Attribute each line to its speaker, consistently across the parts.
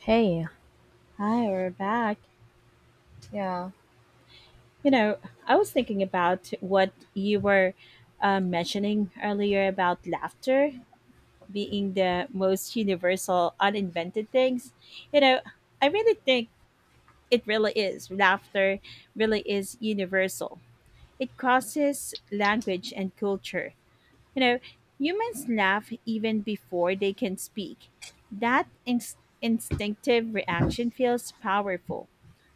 Speaker 1: Hey,
Speaker 2: Hi, we're back.
Speaker 1: yeah.
Speaker 2: You know, I was thinking about what you were mentioning earlier about laughter being the most universal, uninvented things. You know, I really think it really is. Laughter really is universal. It crosses language and culture. You know, humans laugh even before they can speak. That instinctive reaction feels powerful.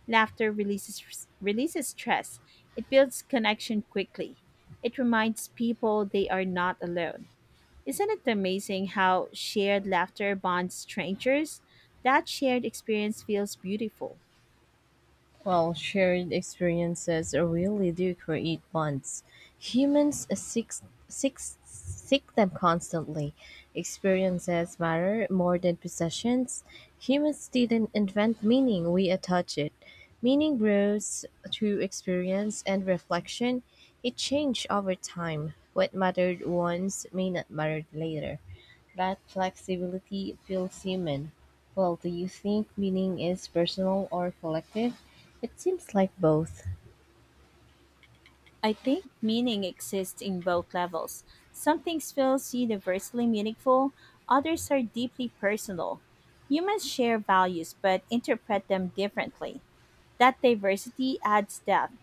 Speaker 2: Laughter releases stress. It builds connection quickly. It reminds people they are not alone. Isn't it amazing how shared laughter bonds strangers? That shared experience feels beautiful.
Speaker 1: Well, shared experiences really do create bonds. Humans seek, seek them constantly. Experiences matter more than possessions. Humans didn't invent meaning, we attach it. Meaning grows through experience and reflection. It changed over time. What mattered once may not matter later. That flexibility feels human. Well, do you think meaning is personal or collective? It seems like both.
Speaker 2: I think meaning exists in both levels. Some things feels universally meaningful, others are deeply personal. Humans share values but interpret them differently. That diversity adds depth.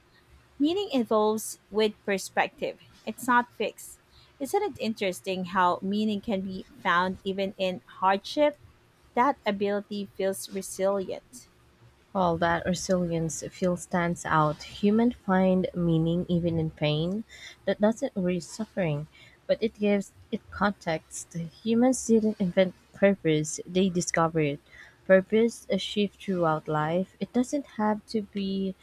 Speaker 2: Meaning evolves with perspective. It's not fixed. Isn't it interesting how meaning can be found even in hardship? That ability feels resilient.
Speaker 1: All that resilience feel stands out, humans find meaning even in pain that doesn't erase suffering, but it gives it context. Humans didn't invent purpose, they discovered it. Purpose is shifts throughout life. It doesn't have to be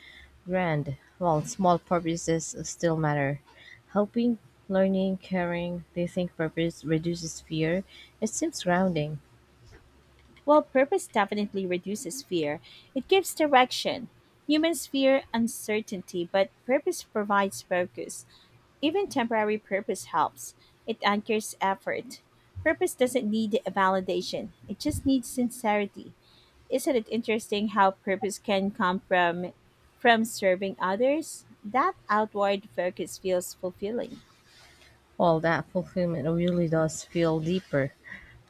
Speaker 1: grand, while small purposes still matter. Helping, learning, caring, they think purpose reduces fear. It seems grounding.
Speaker 2: Well, purpose definitely reduces fear. It gives direction. Humans fear uncertainty, but purpose provides focus. Even temporary purpose helps. It anchors effort. Purpose doesn't need a validation, it just needs sincerity. Isn't it interesting how purpose can come from serving others? That outward focus feels fulfilling.
Speaker 1: Well, that fulfillment really does feel deeper.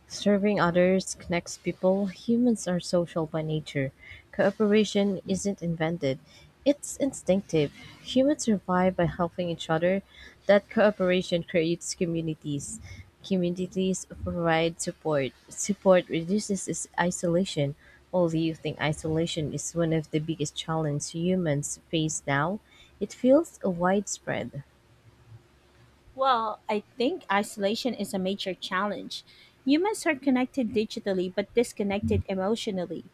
Speaker 1: Serving others connects people. Humans are social by nature. Cooperation isn't invented, it's instinctive. Humans survive by helping each other. That cooperation creates communities. Communities provide support. Support reduces isolation. Well, do you think isolation is one of the biggest challenges humans face now? It feels widespread.
Speaker 2: Well, I think isolation is a major challenge. Humans are connected digitally but disconnected emotionally.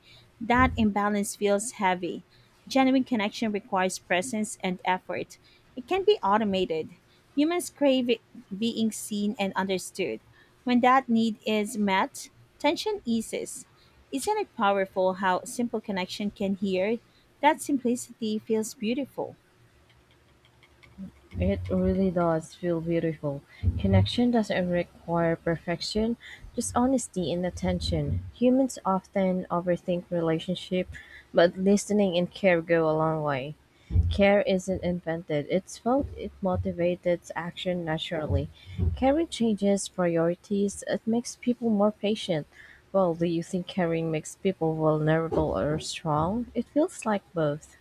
Speaker 2: That imbalance feels heavy. Genuine connection requires presence and effort. It can be automated. Humans crave it — being seen and understood. When that need is met, tension eases. Isn't it powerful how simple connection can heal? That simplicity feels beautiful.
Speaker 1: It really does feel beautiful. Connection doesn't require perfection, just honesty and attention. Humans often overthink relationship, but listening and care go a long way. Care isn't invented, it's felt, it motivates action naturally. Caring changes priorities, it makes people more patient. Well, do you think caring makes people vulnerable or strong? It feels like both.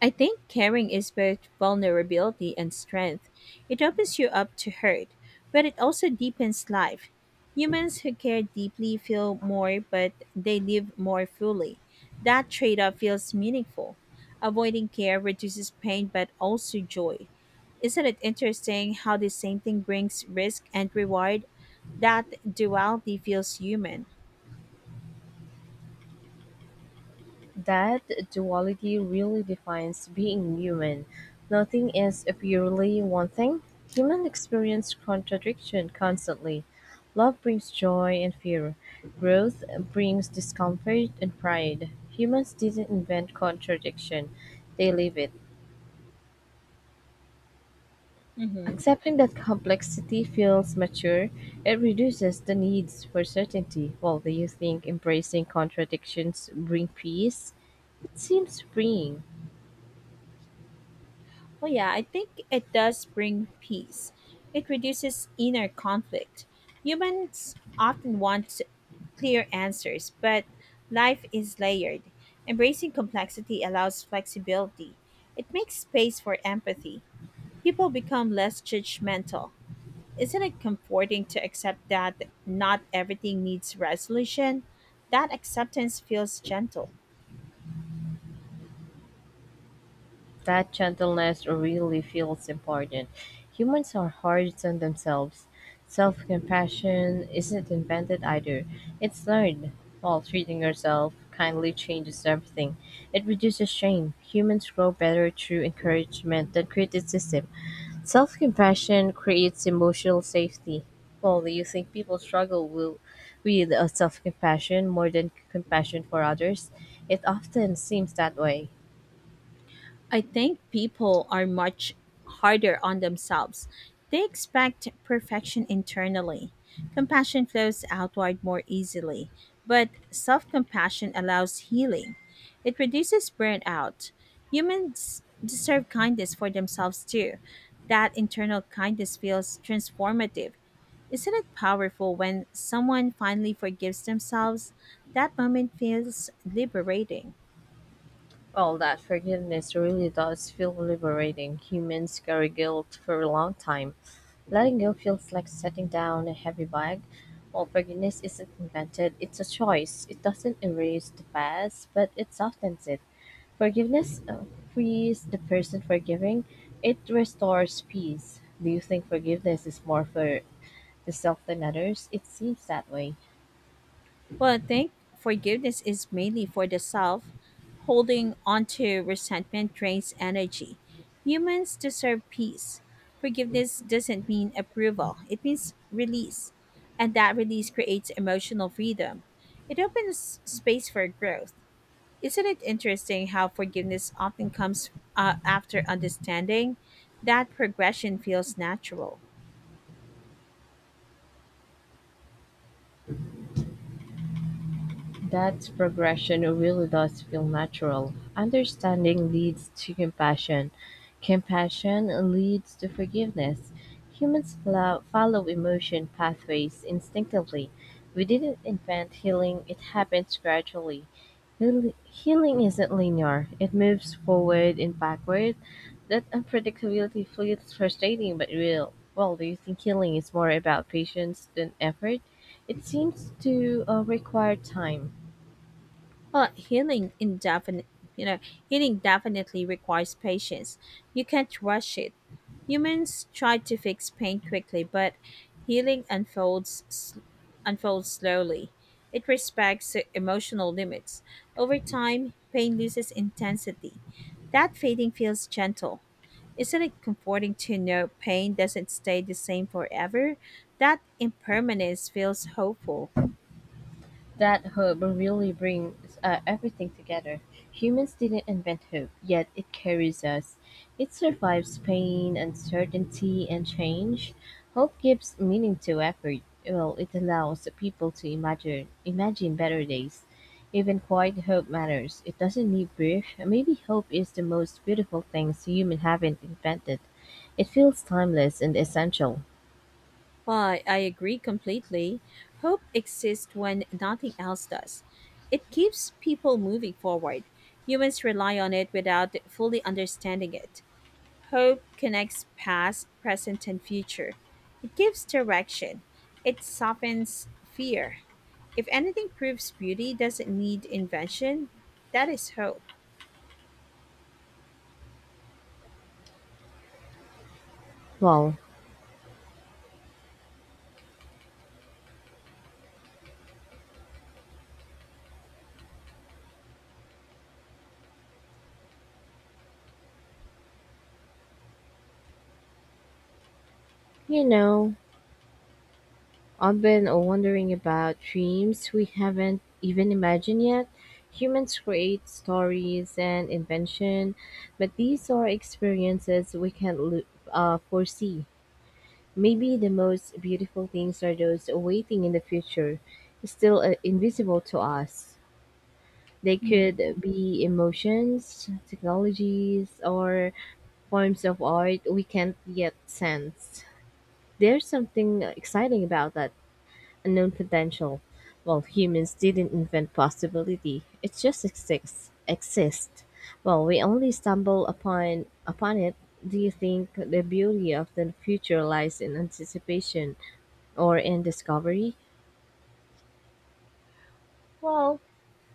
Speaker 2: I think caring is both vulnerability and strength. It opens you up to hurt, but it also deepens life. Humans who care deeply feel more, but they live more fully. That trade off feels meaningful. Avoiding care reduces pain but also joy. Isn't it interesting how the same thing brings risk and reward? That duality feels human.
Speaker 1: That duality really defines being human. Nothing is purely one thing. Humans experience contradiction constantly. Love brings joy and fear. Growth brings discomfort and pride. Humans didn't invent contradiction, they live it.
Speaker 2: Hmm.
Speaker 1: Accepting that complexity feels mature, it reduces the needs for certainty. Well, do you think embracing contradictions bring peace? It seems freeing.
Speaker 2: Oh yeah, I think it does bring peace. It reduces inner conflict. Humans often want clear answers, but life is layered. Embracing complexity allows flexibility. It makes space for empathy. People become less judgmental. Isn't it comforting to accept that not everything needs resolution? That acceptance feels gentle.
Speaker 1: That gentleness really feels important. Humans are hard on themselves. Self compassion isn't invented either, it's learned. While treating yourself kindly changes everything, it reduces shame. Humans grow better through encouragement than criticism. Self compassion creates emotional safety. Well, do you think people with self compassion more than compassion for others? It often seems that way.
Speaker 2: I think people are much harder on themselves. They expect perfection internally. Compassion flows outward more easily, but self compassion allows healing. It reduces burnout. Humans deserve kindness for themselves too. That internal kindness feels transformative. Isn't it powerful when someone finally forgives themselves? That moment feels liberating.
Speaker 1: Well, that forgiveness really does feel liberating. Humans carry guilt for a long time. Letting go feels like setting down a heavy bag. While forgiveness isn't invented, it's a choice. It doesn't erase the past, but it softens it. Forgiveness frees the person forgiving, it restores peace. Do you think forgiveness is more for the self than others? It seems that way.
Speaker 2: Well, I think forgiveness is mainly for the self. Holding on to resentment drains energy. Humans deserve peace. Forgiveness doesn't mean approval, it means release. And that release creates emotional freedom. It opens space for growth. Isn't it interesting how forgiveness often comes after understanding? That progression feels natural.
Speaker 1: That progression really does feel natural. Understanding leads to compassion. Compassion leads to forgiveness. Humans follow emotion pathways instinctively. We didn't invent healing, it happens gradually. Healing isn't linear, it moves forward and backward. That unpredictability feels frustrating but real. Well, do you think healing is more about patience than effort? It seems to require time.
Speaker 2: Well, healing indefinite, you know, healing definitely requires patience. You can't rush it. Humans try to fix pain quickly, but healing unfolds s- unfolds slowly. It respects emotional limits. Over time, pain loses intensity. That fading feels gentle. Isn't it comforting to know pain doesn't stay the same forever? That impermanence feels hopeful.
Speaker 1: That hope really brings everything together. Humans didn't invent hope, yet it carries us. It survives pain, uncertainty, and change. Hope gives meaning to effort. Well, it allows people to imagine better days. Even quiet hope matters. It doesn't need brief. Maybe hope is the most beautiful thing humans haven't invented. It feels timeless and essential.
Speaker 2: Why, I agree completely. Hope exists when nothing else does. It keeps people moving forward. Humans rely on it without fully understanding it. Hope connects past, present, and future. It gives direction. It softens fear. If anything proves beauty doesn't need invention, that is hope.
Speaker 1: Well, you know, I've been wondering about dreams we haven't even imagined yet. Humans create stories and invention, but these are experiences we can't lo- foresee. Maybe the most beautiful things are those waiting in the future, still invisible to us. They
Speaker 2: Mhm.
Speaker 1: could be emotions, technologies, or forms of art we can't yet sense. There's something exciting about that unknown potential, well humans didn't invent possibility, it just exists. Well we only stumble upon it. Do you think the beauty of the future lies in anticipation or in discovery?
Speaker 2: Well,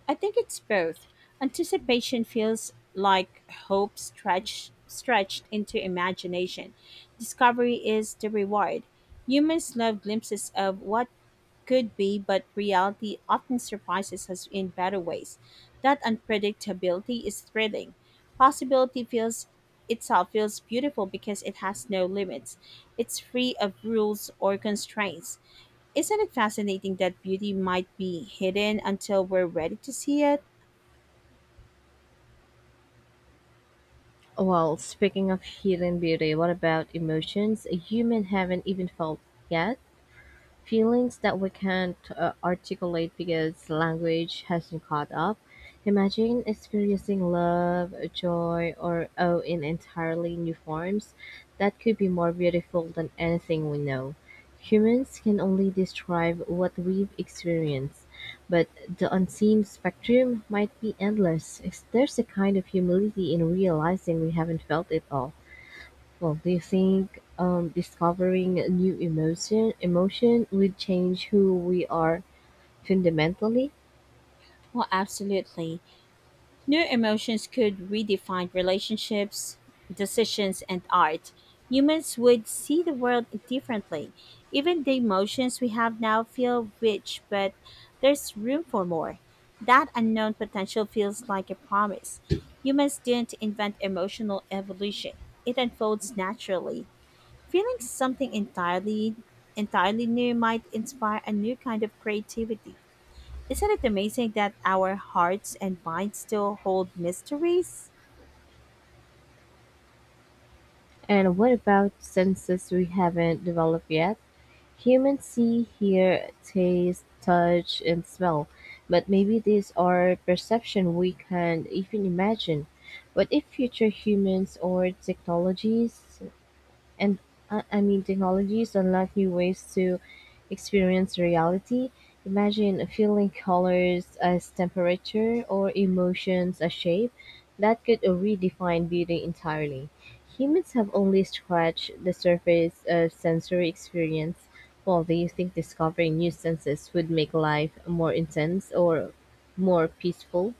Speaker 2: I think it's both. Anticipation feels like hope stretched into imagination. Discovery is the reward. Humans love glimpses of what could be, but reality often surprises us in better ways. That unpredictability is thrilling. Possibility feels itself feels beautiful because it has no limits. It's free of rules or constraints. Isn't it fascinating that beauty might be hidden until we're ready to see it?
Speaker 1: Well, speaking of hidden beauty, what about emotions a human haven't even felt yet? Feelings that we can't articulate because language hasn't caught up. Imagine experiencing love, joy, or awe in entirely new forms that could be more beautiful than anything we know. Humans can only describe what we've experienced, but the unseen spectrum might be endless. There's a kind of humility in realizing we haven't felt it all. Well, do you think discovering a new emotion would change who we are fundamentally?
Speaker 2: Well, absolutely. New emotions could redefine relationships, decisions, and art. Humans would see the world differently. Even the emotions we have now feel rich, but there's room for more. That unknown potential feels like a promise. Humans didn't invent emotional evolution. It unfolds naturally. Feeling something entirely new might inspire a new kind of creativity. Isn't it amazing that our hearts and minds still hold mysteries?
Speaker 1: And what about senses we haven't developed yet? Humans see, hear, taste, touch, and smell, but maybe these are perception we can't even imagine. What if future humans or technologies and I mean technologies unlock new ways to experience reality. Imagine feeling colors as temperature or emotions as shape. That could redefine beauty entirely. Humans have only scratched the surface of sensory experience. Well, do you think discovering new senses would make life more intense or more peaceful?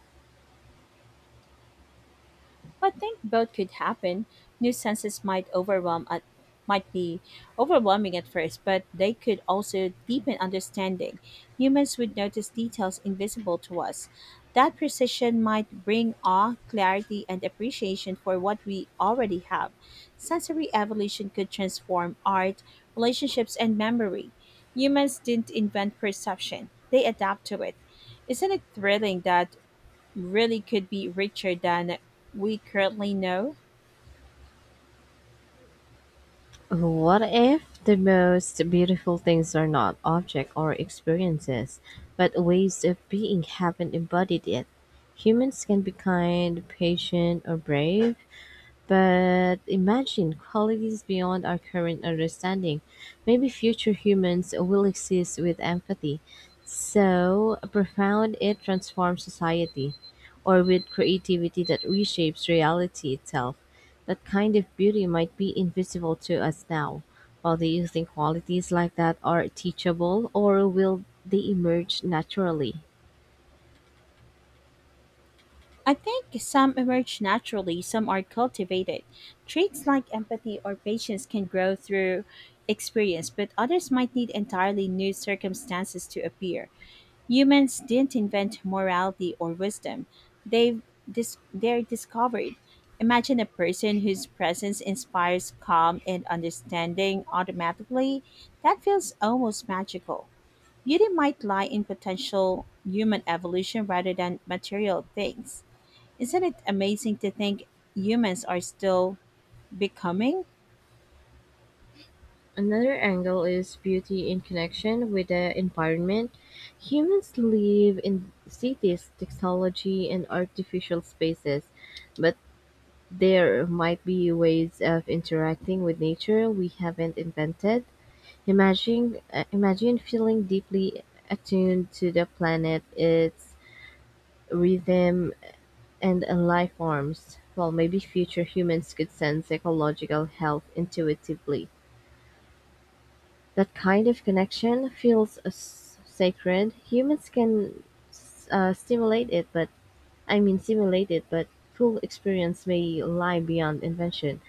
Speaker 2: I think both could happen. New senses might overwhelm at might be overwhelming at first, but they could also deepen understanding. Humans would notice details invisible to us. That precision might bring awe, clarity, and appreciation for what we already have. Sensory evolution could transform art, relationships, and memory. Humans didn't invent perception, they adapt to it. Isn't it thrilling that really could be richer than we currently know?
Speaker 1: What if the most beautiful things are not objects or experiences, but ways of being haven't embodied yet? Humans can be kind, patient, or brave, but imagine qualities beyond our current understanding. Maybe future humans will exist with empathy, so profound it transforms society, or with creativity that reshapes reality itself. That kind of beauty might be invisible to us now. While do you think qualities like that are teachable, or will they emerge naturally?
Speaker 2: I think some emerge naturally, some are cultivated. Traits like empathy or patience can grow through experience, but others might need entirely new circumstances to appear. Humans didn't invent morality or wisdom, they've they're discovered. Imagine a person whose presence inspires calm and understanding automatically. That feels almost magical. Beauty might lie in potential human evolution rather than material things. Isn't it amazing to think humans are still becoming?
Speaker 1: Another angle is beauty in connection with the environment. Humans live in cities, technology, and artificial spaces, but there might be ways of interacting with nature we haven't invented. Imagine feeling deeply attuned to the planet, its rhythm, and life forms. Well, maybe future humans could sense ecological health intuitively. That kind of connection feels sacred. Humans can stimulate it, but I mean simulate it, but full experience may lie beyond invention.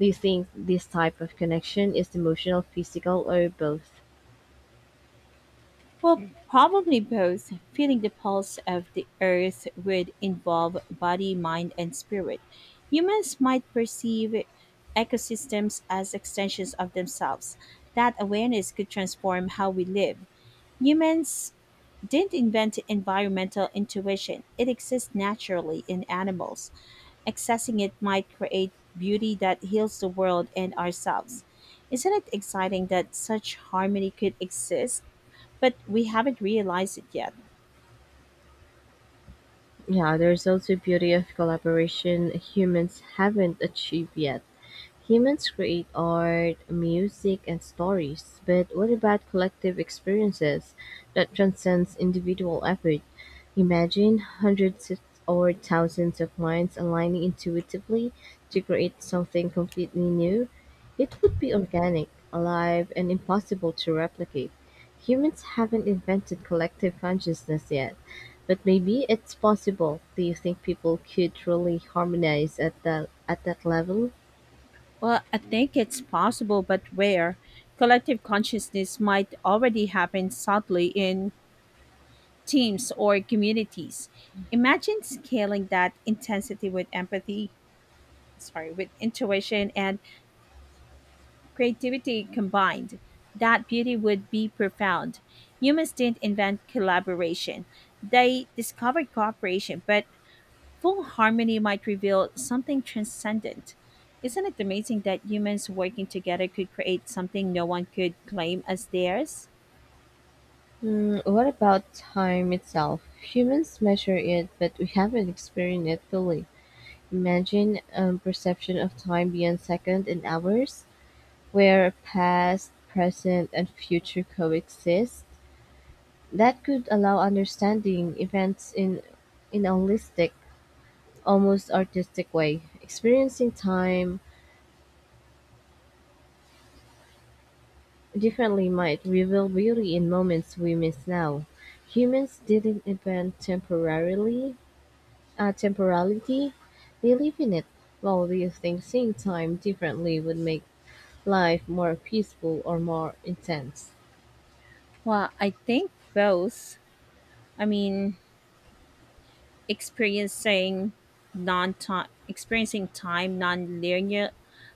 Speaker 1: Do you think this type of connection is emotional, physical, or both?
Speaker 2: Well, probably both. Feeling the pulse of the earth would involve body, mind, and spirit. Humans might perceive ecosystems as extensions of themselves. That awareness could transform how we live. Humans didn't invent environmental intuition, it exists naturally in animals. Accessing it might create beauty that heals the world and ourselves. Isn't it exciting that such harmony could exist, but we haven't realized it yet?
Speaker 1: Yeah, there's also beauty of collaboration humans haven't achieved yet. Humans create art, music, and stories, but what about collective experiences that transcends individual effort? Imagine or thousands of minds aligning intuitively to create something completely new. It would be organic, alive, and impossible to replicate. Humans haven't invented collective consciousness yet, but maybe it's possible. Do you think people could truly harmonize at that level?
Speaker 2: Well, I think it's possible, but rare. Collective consciousness might already happen subtly in teams or communities. Imagine scaling that intensity with empathy, sorry, with intuition and creativity combined, that beauty would be profound. Humans didn't invent collaboration, they discovered cooperation, but full harmony might reveal something transcendent. Isn't it amazing that humans working together could create something no one could claim as theirs?
Speaker 1: Mm, what about time itself? Humans measure it, but we haven't experienced it fully. Imagine a perception of time beyond seconds and hours, where past, present, and future coexist. That could allow understanding events in a holistic, almost artistic way. Experiencing time differently might reveal beauty in moments we miss now. Humans didn't invent temporality. They live in it, while we think seeing time differently would make life more peaceful or more intense.
Speaker 2: Well, I think both. I mean, experiencing experiencing time non-linear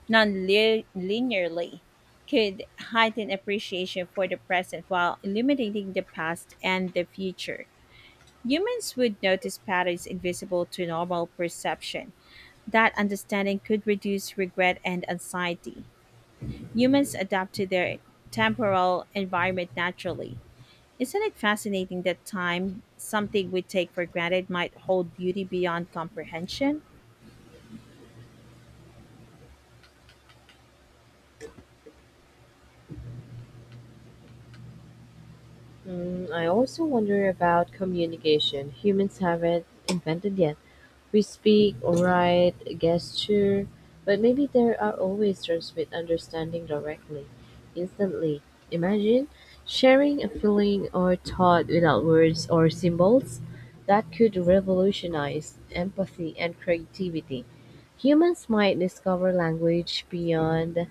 Speaker 2: non-linearly could heighten appreciation for the present while illuminating the past and the future. Humans would notice patterns invisible to normal perception. That understanding could reduce regret and anxiety. Humans adapt to their temporal environment naturally. Isn't it fascinating that time, something we take for granted, might hold beauty beyond comprehension?
Speaker 1: Mm, I also wonder about communication. Humans haven't invented yet. We speak, write, gesture, but maybe there are always transmit understanding directly, instantly. Imagine sharing a feeling or thought without words or symbols that could revolutionize empathy and creativity. Humans might discover language beyond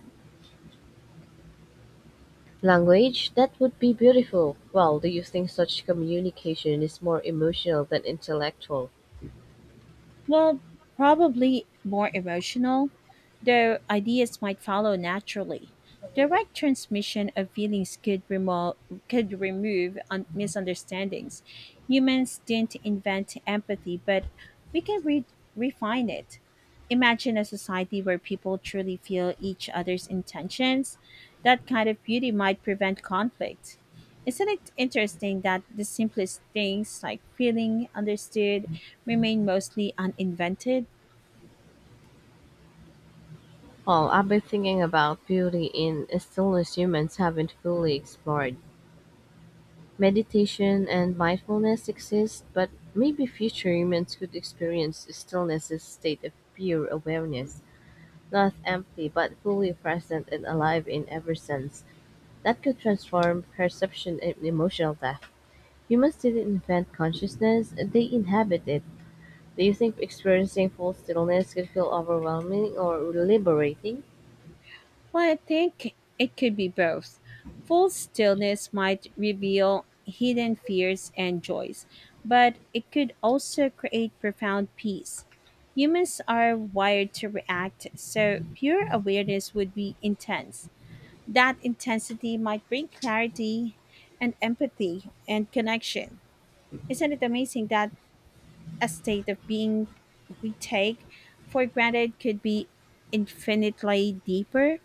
Speaker 1: language that would be beautiful. Well, do you think such communication is more emotional than intellectual?
Speaker 2: Well, probably more emotional, though ideas might follow naturally. Direct transmission of feelings could, remo- could remove misunderstandings. Humans didn't invent empathy, but we can refine it. Imagine a society where people truly feel each other's intentions. That kind of beauty might prevent conflict. Isn't it interesting that the simplest things like feeling understood remain mostly uninvented?
Speaker 1: Well, I've been thinking about beauty in stillness humans haven't fully explored. Meditation and mindfulness exist, but maybe future humans could experience stillness as a state of pure awareness, not empty but fully present and alive in every sense. That could transform perception and emotional depth. Humans didn't invent consciousness, they inhabit it. Do you think experiencing full stillness could feel overwhelming or liberating?
Speaker 2: Well, I think it could be both. Full stillness might reveal hidden fears and joys, but it could also create profound peace. Humans are wired to react, so pure awareness would be intense. That intensity might bring clarity and empathy and connection. Isn't it amazing that a state of being we take for granted could be infinitely deeper?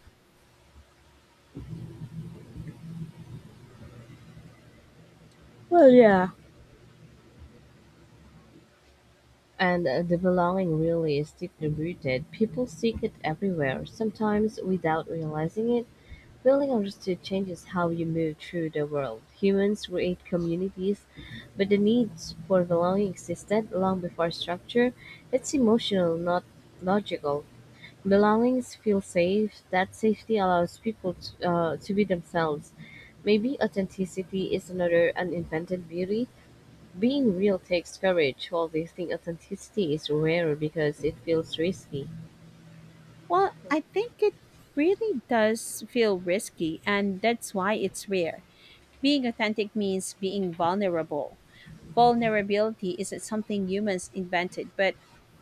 Speaker 1: And the belonging really is deeply rooted. People seek it everywhere, sometimes without realizing it. Feeling understood changes how you move through the world. Humans create communities, but the need for belonging existed long before structure. It's emotional, not logical. Belongings feel safe. That safety allows people to be themselves. Maybe authenticity is another uninvented beauty, being real takes courage, while wasting authenticity is rarer because it feels risky.
Speaker 2: Well, I think it really does feel risky, and that's why it's rare. Being authentic means being vulnerable. Vulnerability isn't something humans invented, but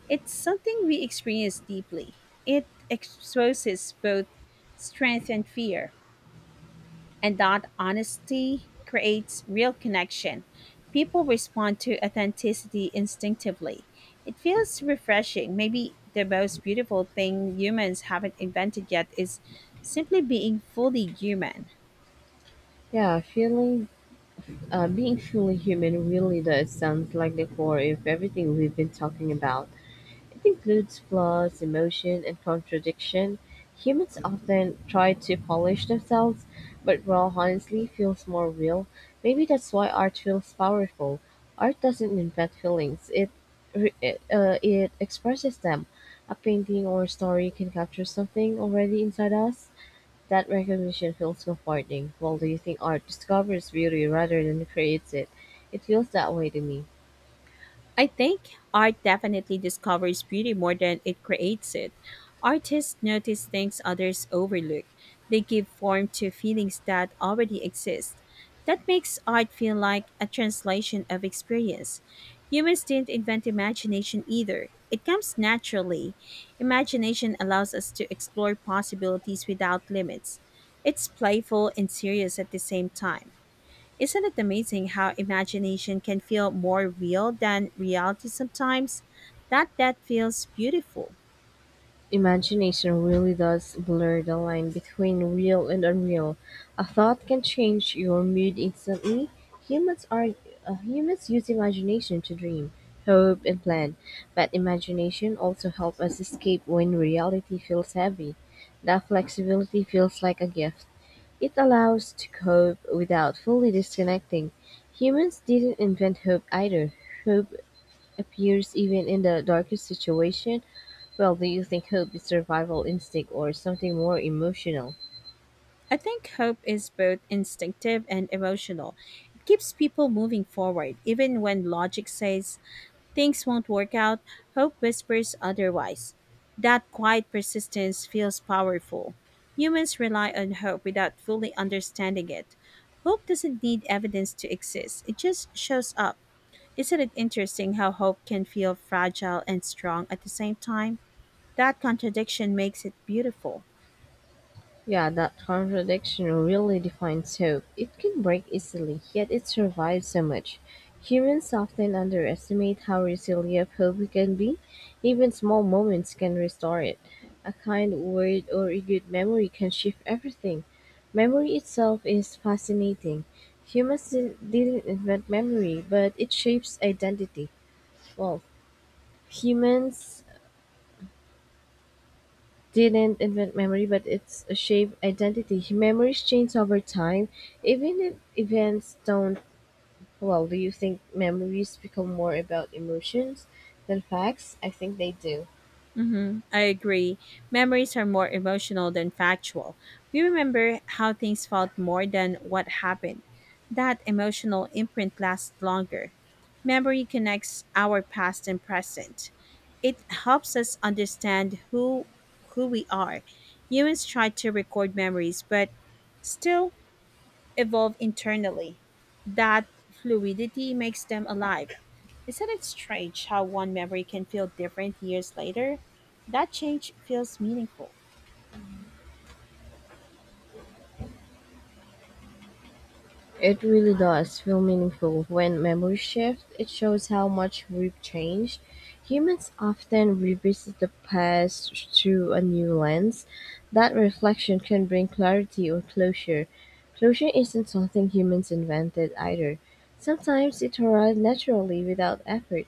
Speaker 2: it's something we experience deeply. It exposes both strength and fear, and that honesty creates real connection. People respond to authenticity instinctively. It feels refreshing. Maybe the most beautiful thing humans haven't invented yet is simply being fully human.
Speaker 1: Yeah, being fully human really does sound like the core of everything we've been talking about. It includes flaws, emotion, and contradiction; humans often try to polish themselves, but raw honesty feels more real. Maybe that's why art feels powerful. Art doesn't invent feelings; it expresses them. A painting or story can capture something already inside us. That recognition feels comforting. Well, do you think art discovers beauty rather than creates it? It feels that way to me.
Speaker 2: I think art definitely discovers beauty more than it creates it. Artists notice things others overlook. They give form to feelings that already exist. That makes art feel like a translation of experience. Humans didn't invent imagination either. It comes naturally. Imagination allows us to explore possibilities without limits. It's playful and serious at the same time. Isn't it amazing how imagination can feel more real than reality sometimes? That feels beautiful.
Speaker 1: Imagination really does blur the line between real and unreal. A thought can change your mood instantly. Humans are humans use imagination to dream, hope, and plan, but imagination also helps us escape when reality feels heavy. That flexibility feels like a gift. It allows to cope without fully disconnecting. Humans didn't invent hope either. Hope appears even in the darkest situation? Well, do you think hope is survival instinct or something more emotional?
Speaker 2: I think hope is both instinctive and emotional. It keeps people moving forward even when logic says things won't work out, hope whispers otherwise. That quiet persistence feels powerful. Humans rely on hope without fully understanding it. Hope doesn't need evidence to exist, it just shows up. Isn't it interesting how hope can feel fragile and strong at the same time? That contradiction makes it beautiful.
Speaker 1: Yeah, that contradiction really defines hope. It can break easily, yet it survives so much. Humans often underestimate how resilient hope can be. Even small moments can restore it. A kind word or a good memory can shift everything. Memory itself is fascinating. Humans didn't invent memory, but it shapes identity. Well, humans didn't invent memory, but it's a shape identity. Memories change over time, even if events don't. Well, do you think memories become more about emotions than facts? I think they do.
Speaker 2: Mm-hmm. I agree. Memories are more emotional than factual. We remember how things felt more than what happened. That emotional imprint lasts longer. Memory connects our past and present. It helps us understand who we are. Humans try to record memories, but still evolve internally. That fluidity makes them alive. Isn't it strange how one memory can feel different years later? That change feels meaningful.
Speaker 1: It really does feel meaningful when memories shift. It shows how much we've changed. Humans often revisit the past through a new lens. That reflection can bring clarity or closure. Closure isn't something humans invented either. Sometimes it arrives naturally without effort.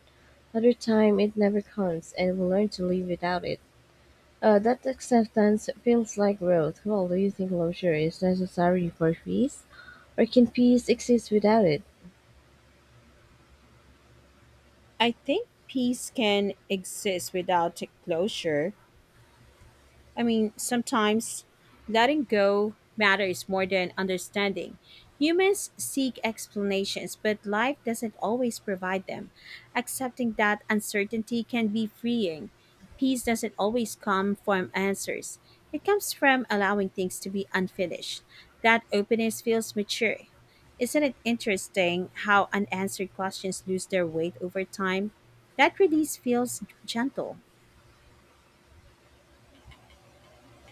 Speaker 1: Other time it never comes and we learn to live without it. That acceptance feels like growth. Well, do you think closure is necessary for peace? Or can peace exist without it?
Speaker 2: I think peace can exist without closure. I mean, sometimes letting go matters more than understanding. Humans seek explanations, but life doesn't always provide them. Accepting that uncertainty can be freeing. Peace doesn't always come from answers, it comes from allowing things to be unfinished. That openness feels mature. Isn't it interesting how unanswered questions lose their weight over time? That release feels gentle.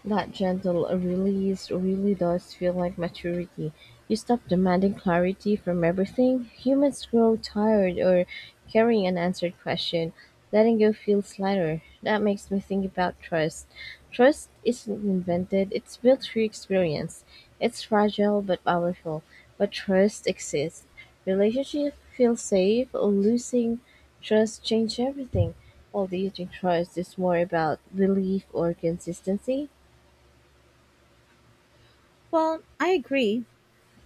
Speaker 1: That gentle release really does feel like maturity. You stop demanding clarity from everything. Humans grow tired or carrying unanswered question. Letting go feels lighter. That makes me think about trust. Trust isn't invented, it's built through experience. It's fragile but powerful. But trust exists. Relationship feels safe, losing trust changes everything. Well, do you think trust is more about belief or consistency?
Speaker 2: Well, I agree.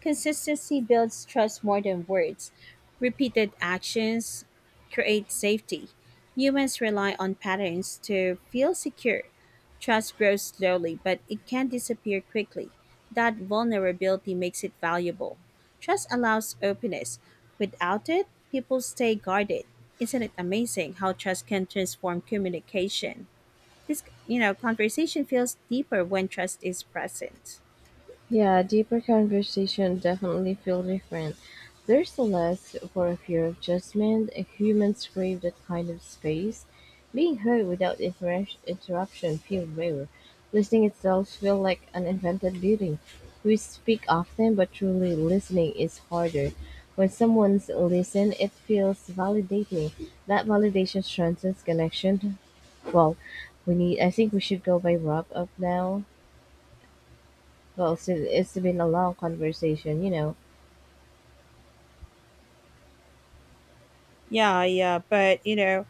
Speaker 2: Consistency builds trust more than words. Repeated actions create safety. Humans rely on patterns to feel secure. Trust grows slowly, but it can disappear quickly. That vulnerability makes it valuable. Trust allows openness. Without it, people stay guarded. Isn't it amazing how trust can transform communication? This conversation feels deeper when trust is present.
Speaker 1: Yeah, deeper conversation definitely feel different. There's less for a fear of judgment. Humans crave that kind of space. Being heard without interruption feels rare. Listening itself feels like an invented beauty. We speak often, but truly listening is harder. When someone's listen, it feels validating. That validation transcends connection. Well, we need. I think we should go by wrap up now. Well, it's been a long conversation, you know.
Speaker 2: Yeah, yeah, but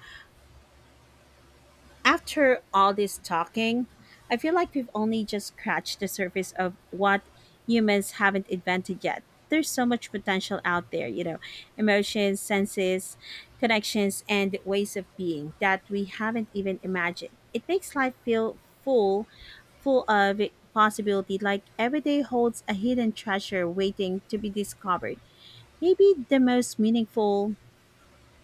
Speaker 2: after all this talking, I feel like we've only just scratched the surface of what humans haven't invented yet. There's so much potential out there, emotions, senses, connections, and ways of being that we haven't even imagined. It makes life feel full, full of possibility, like every day holds a hidden treasure waiting to be discovered. Maybe the most meaningful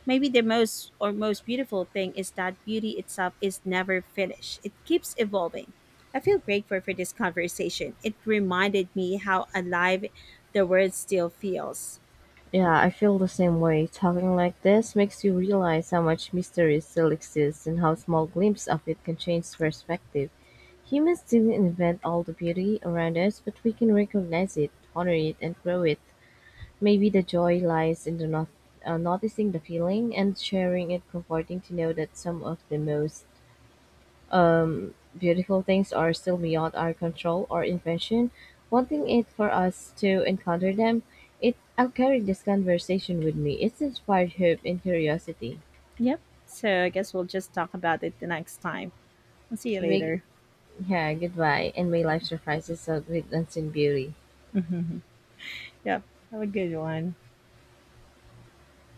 Speaker 2: Maybe the most beautiful thing is that beauty itself is never finished. It keeps evolving. I feel grateful for this conversation. It reminded me how alive the world still feels.
Speaker 1: Yeah, I feel the same way. Talking like this makes you realize how much mystery still exists and how small glimpse of it can change perspective. Humans didn't invent all the beauty around us, but we can recognize it, honor it, and grow it. Maybe the joy lies in the not, noticing the feeling and sharing it, comforting to know that some of the most beautiful things are still beyond our control or invention. Wanting it for us to encounter them, it I'll carry this conversation with me. It's inspired hope and curiosity.
Speaker 2: Yep. So I guess we'll just talk about it the next time. I'll see you
Speaker 1: Big,
Speaker 2: later.
Speaker 1: yeah, goodbye, and may life surprise us with unseen beauty.
Speaker 2: Yep. Have a good one.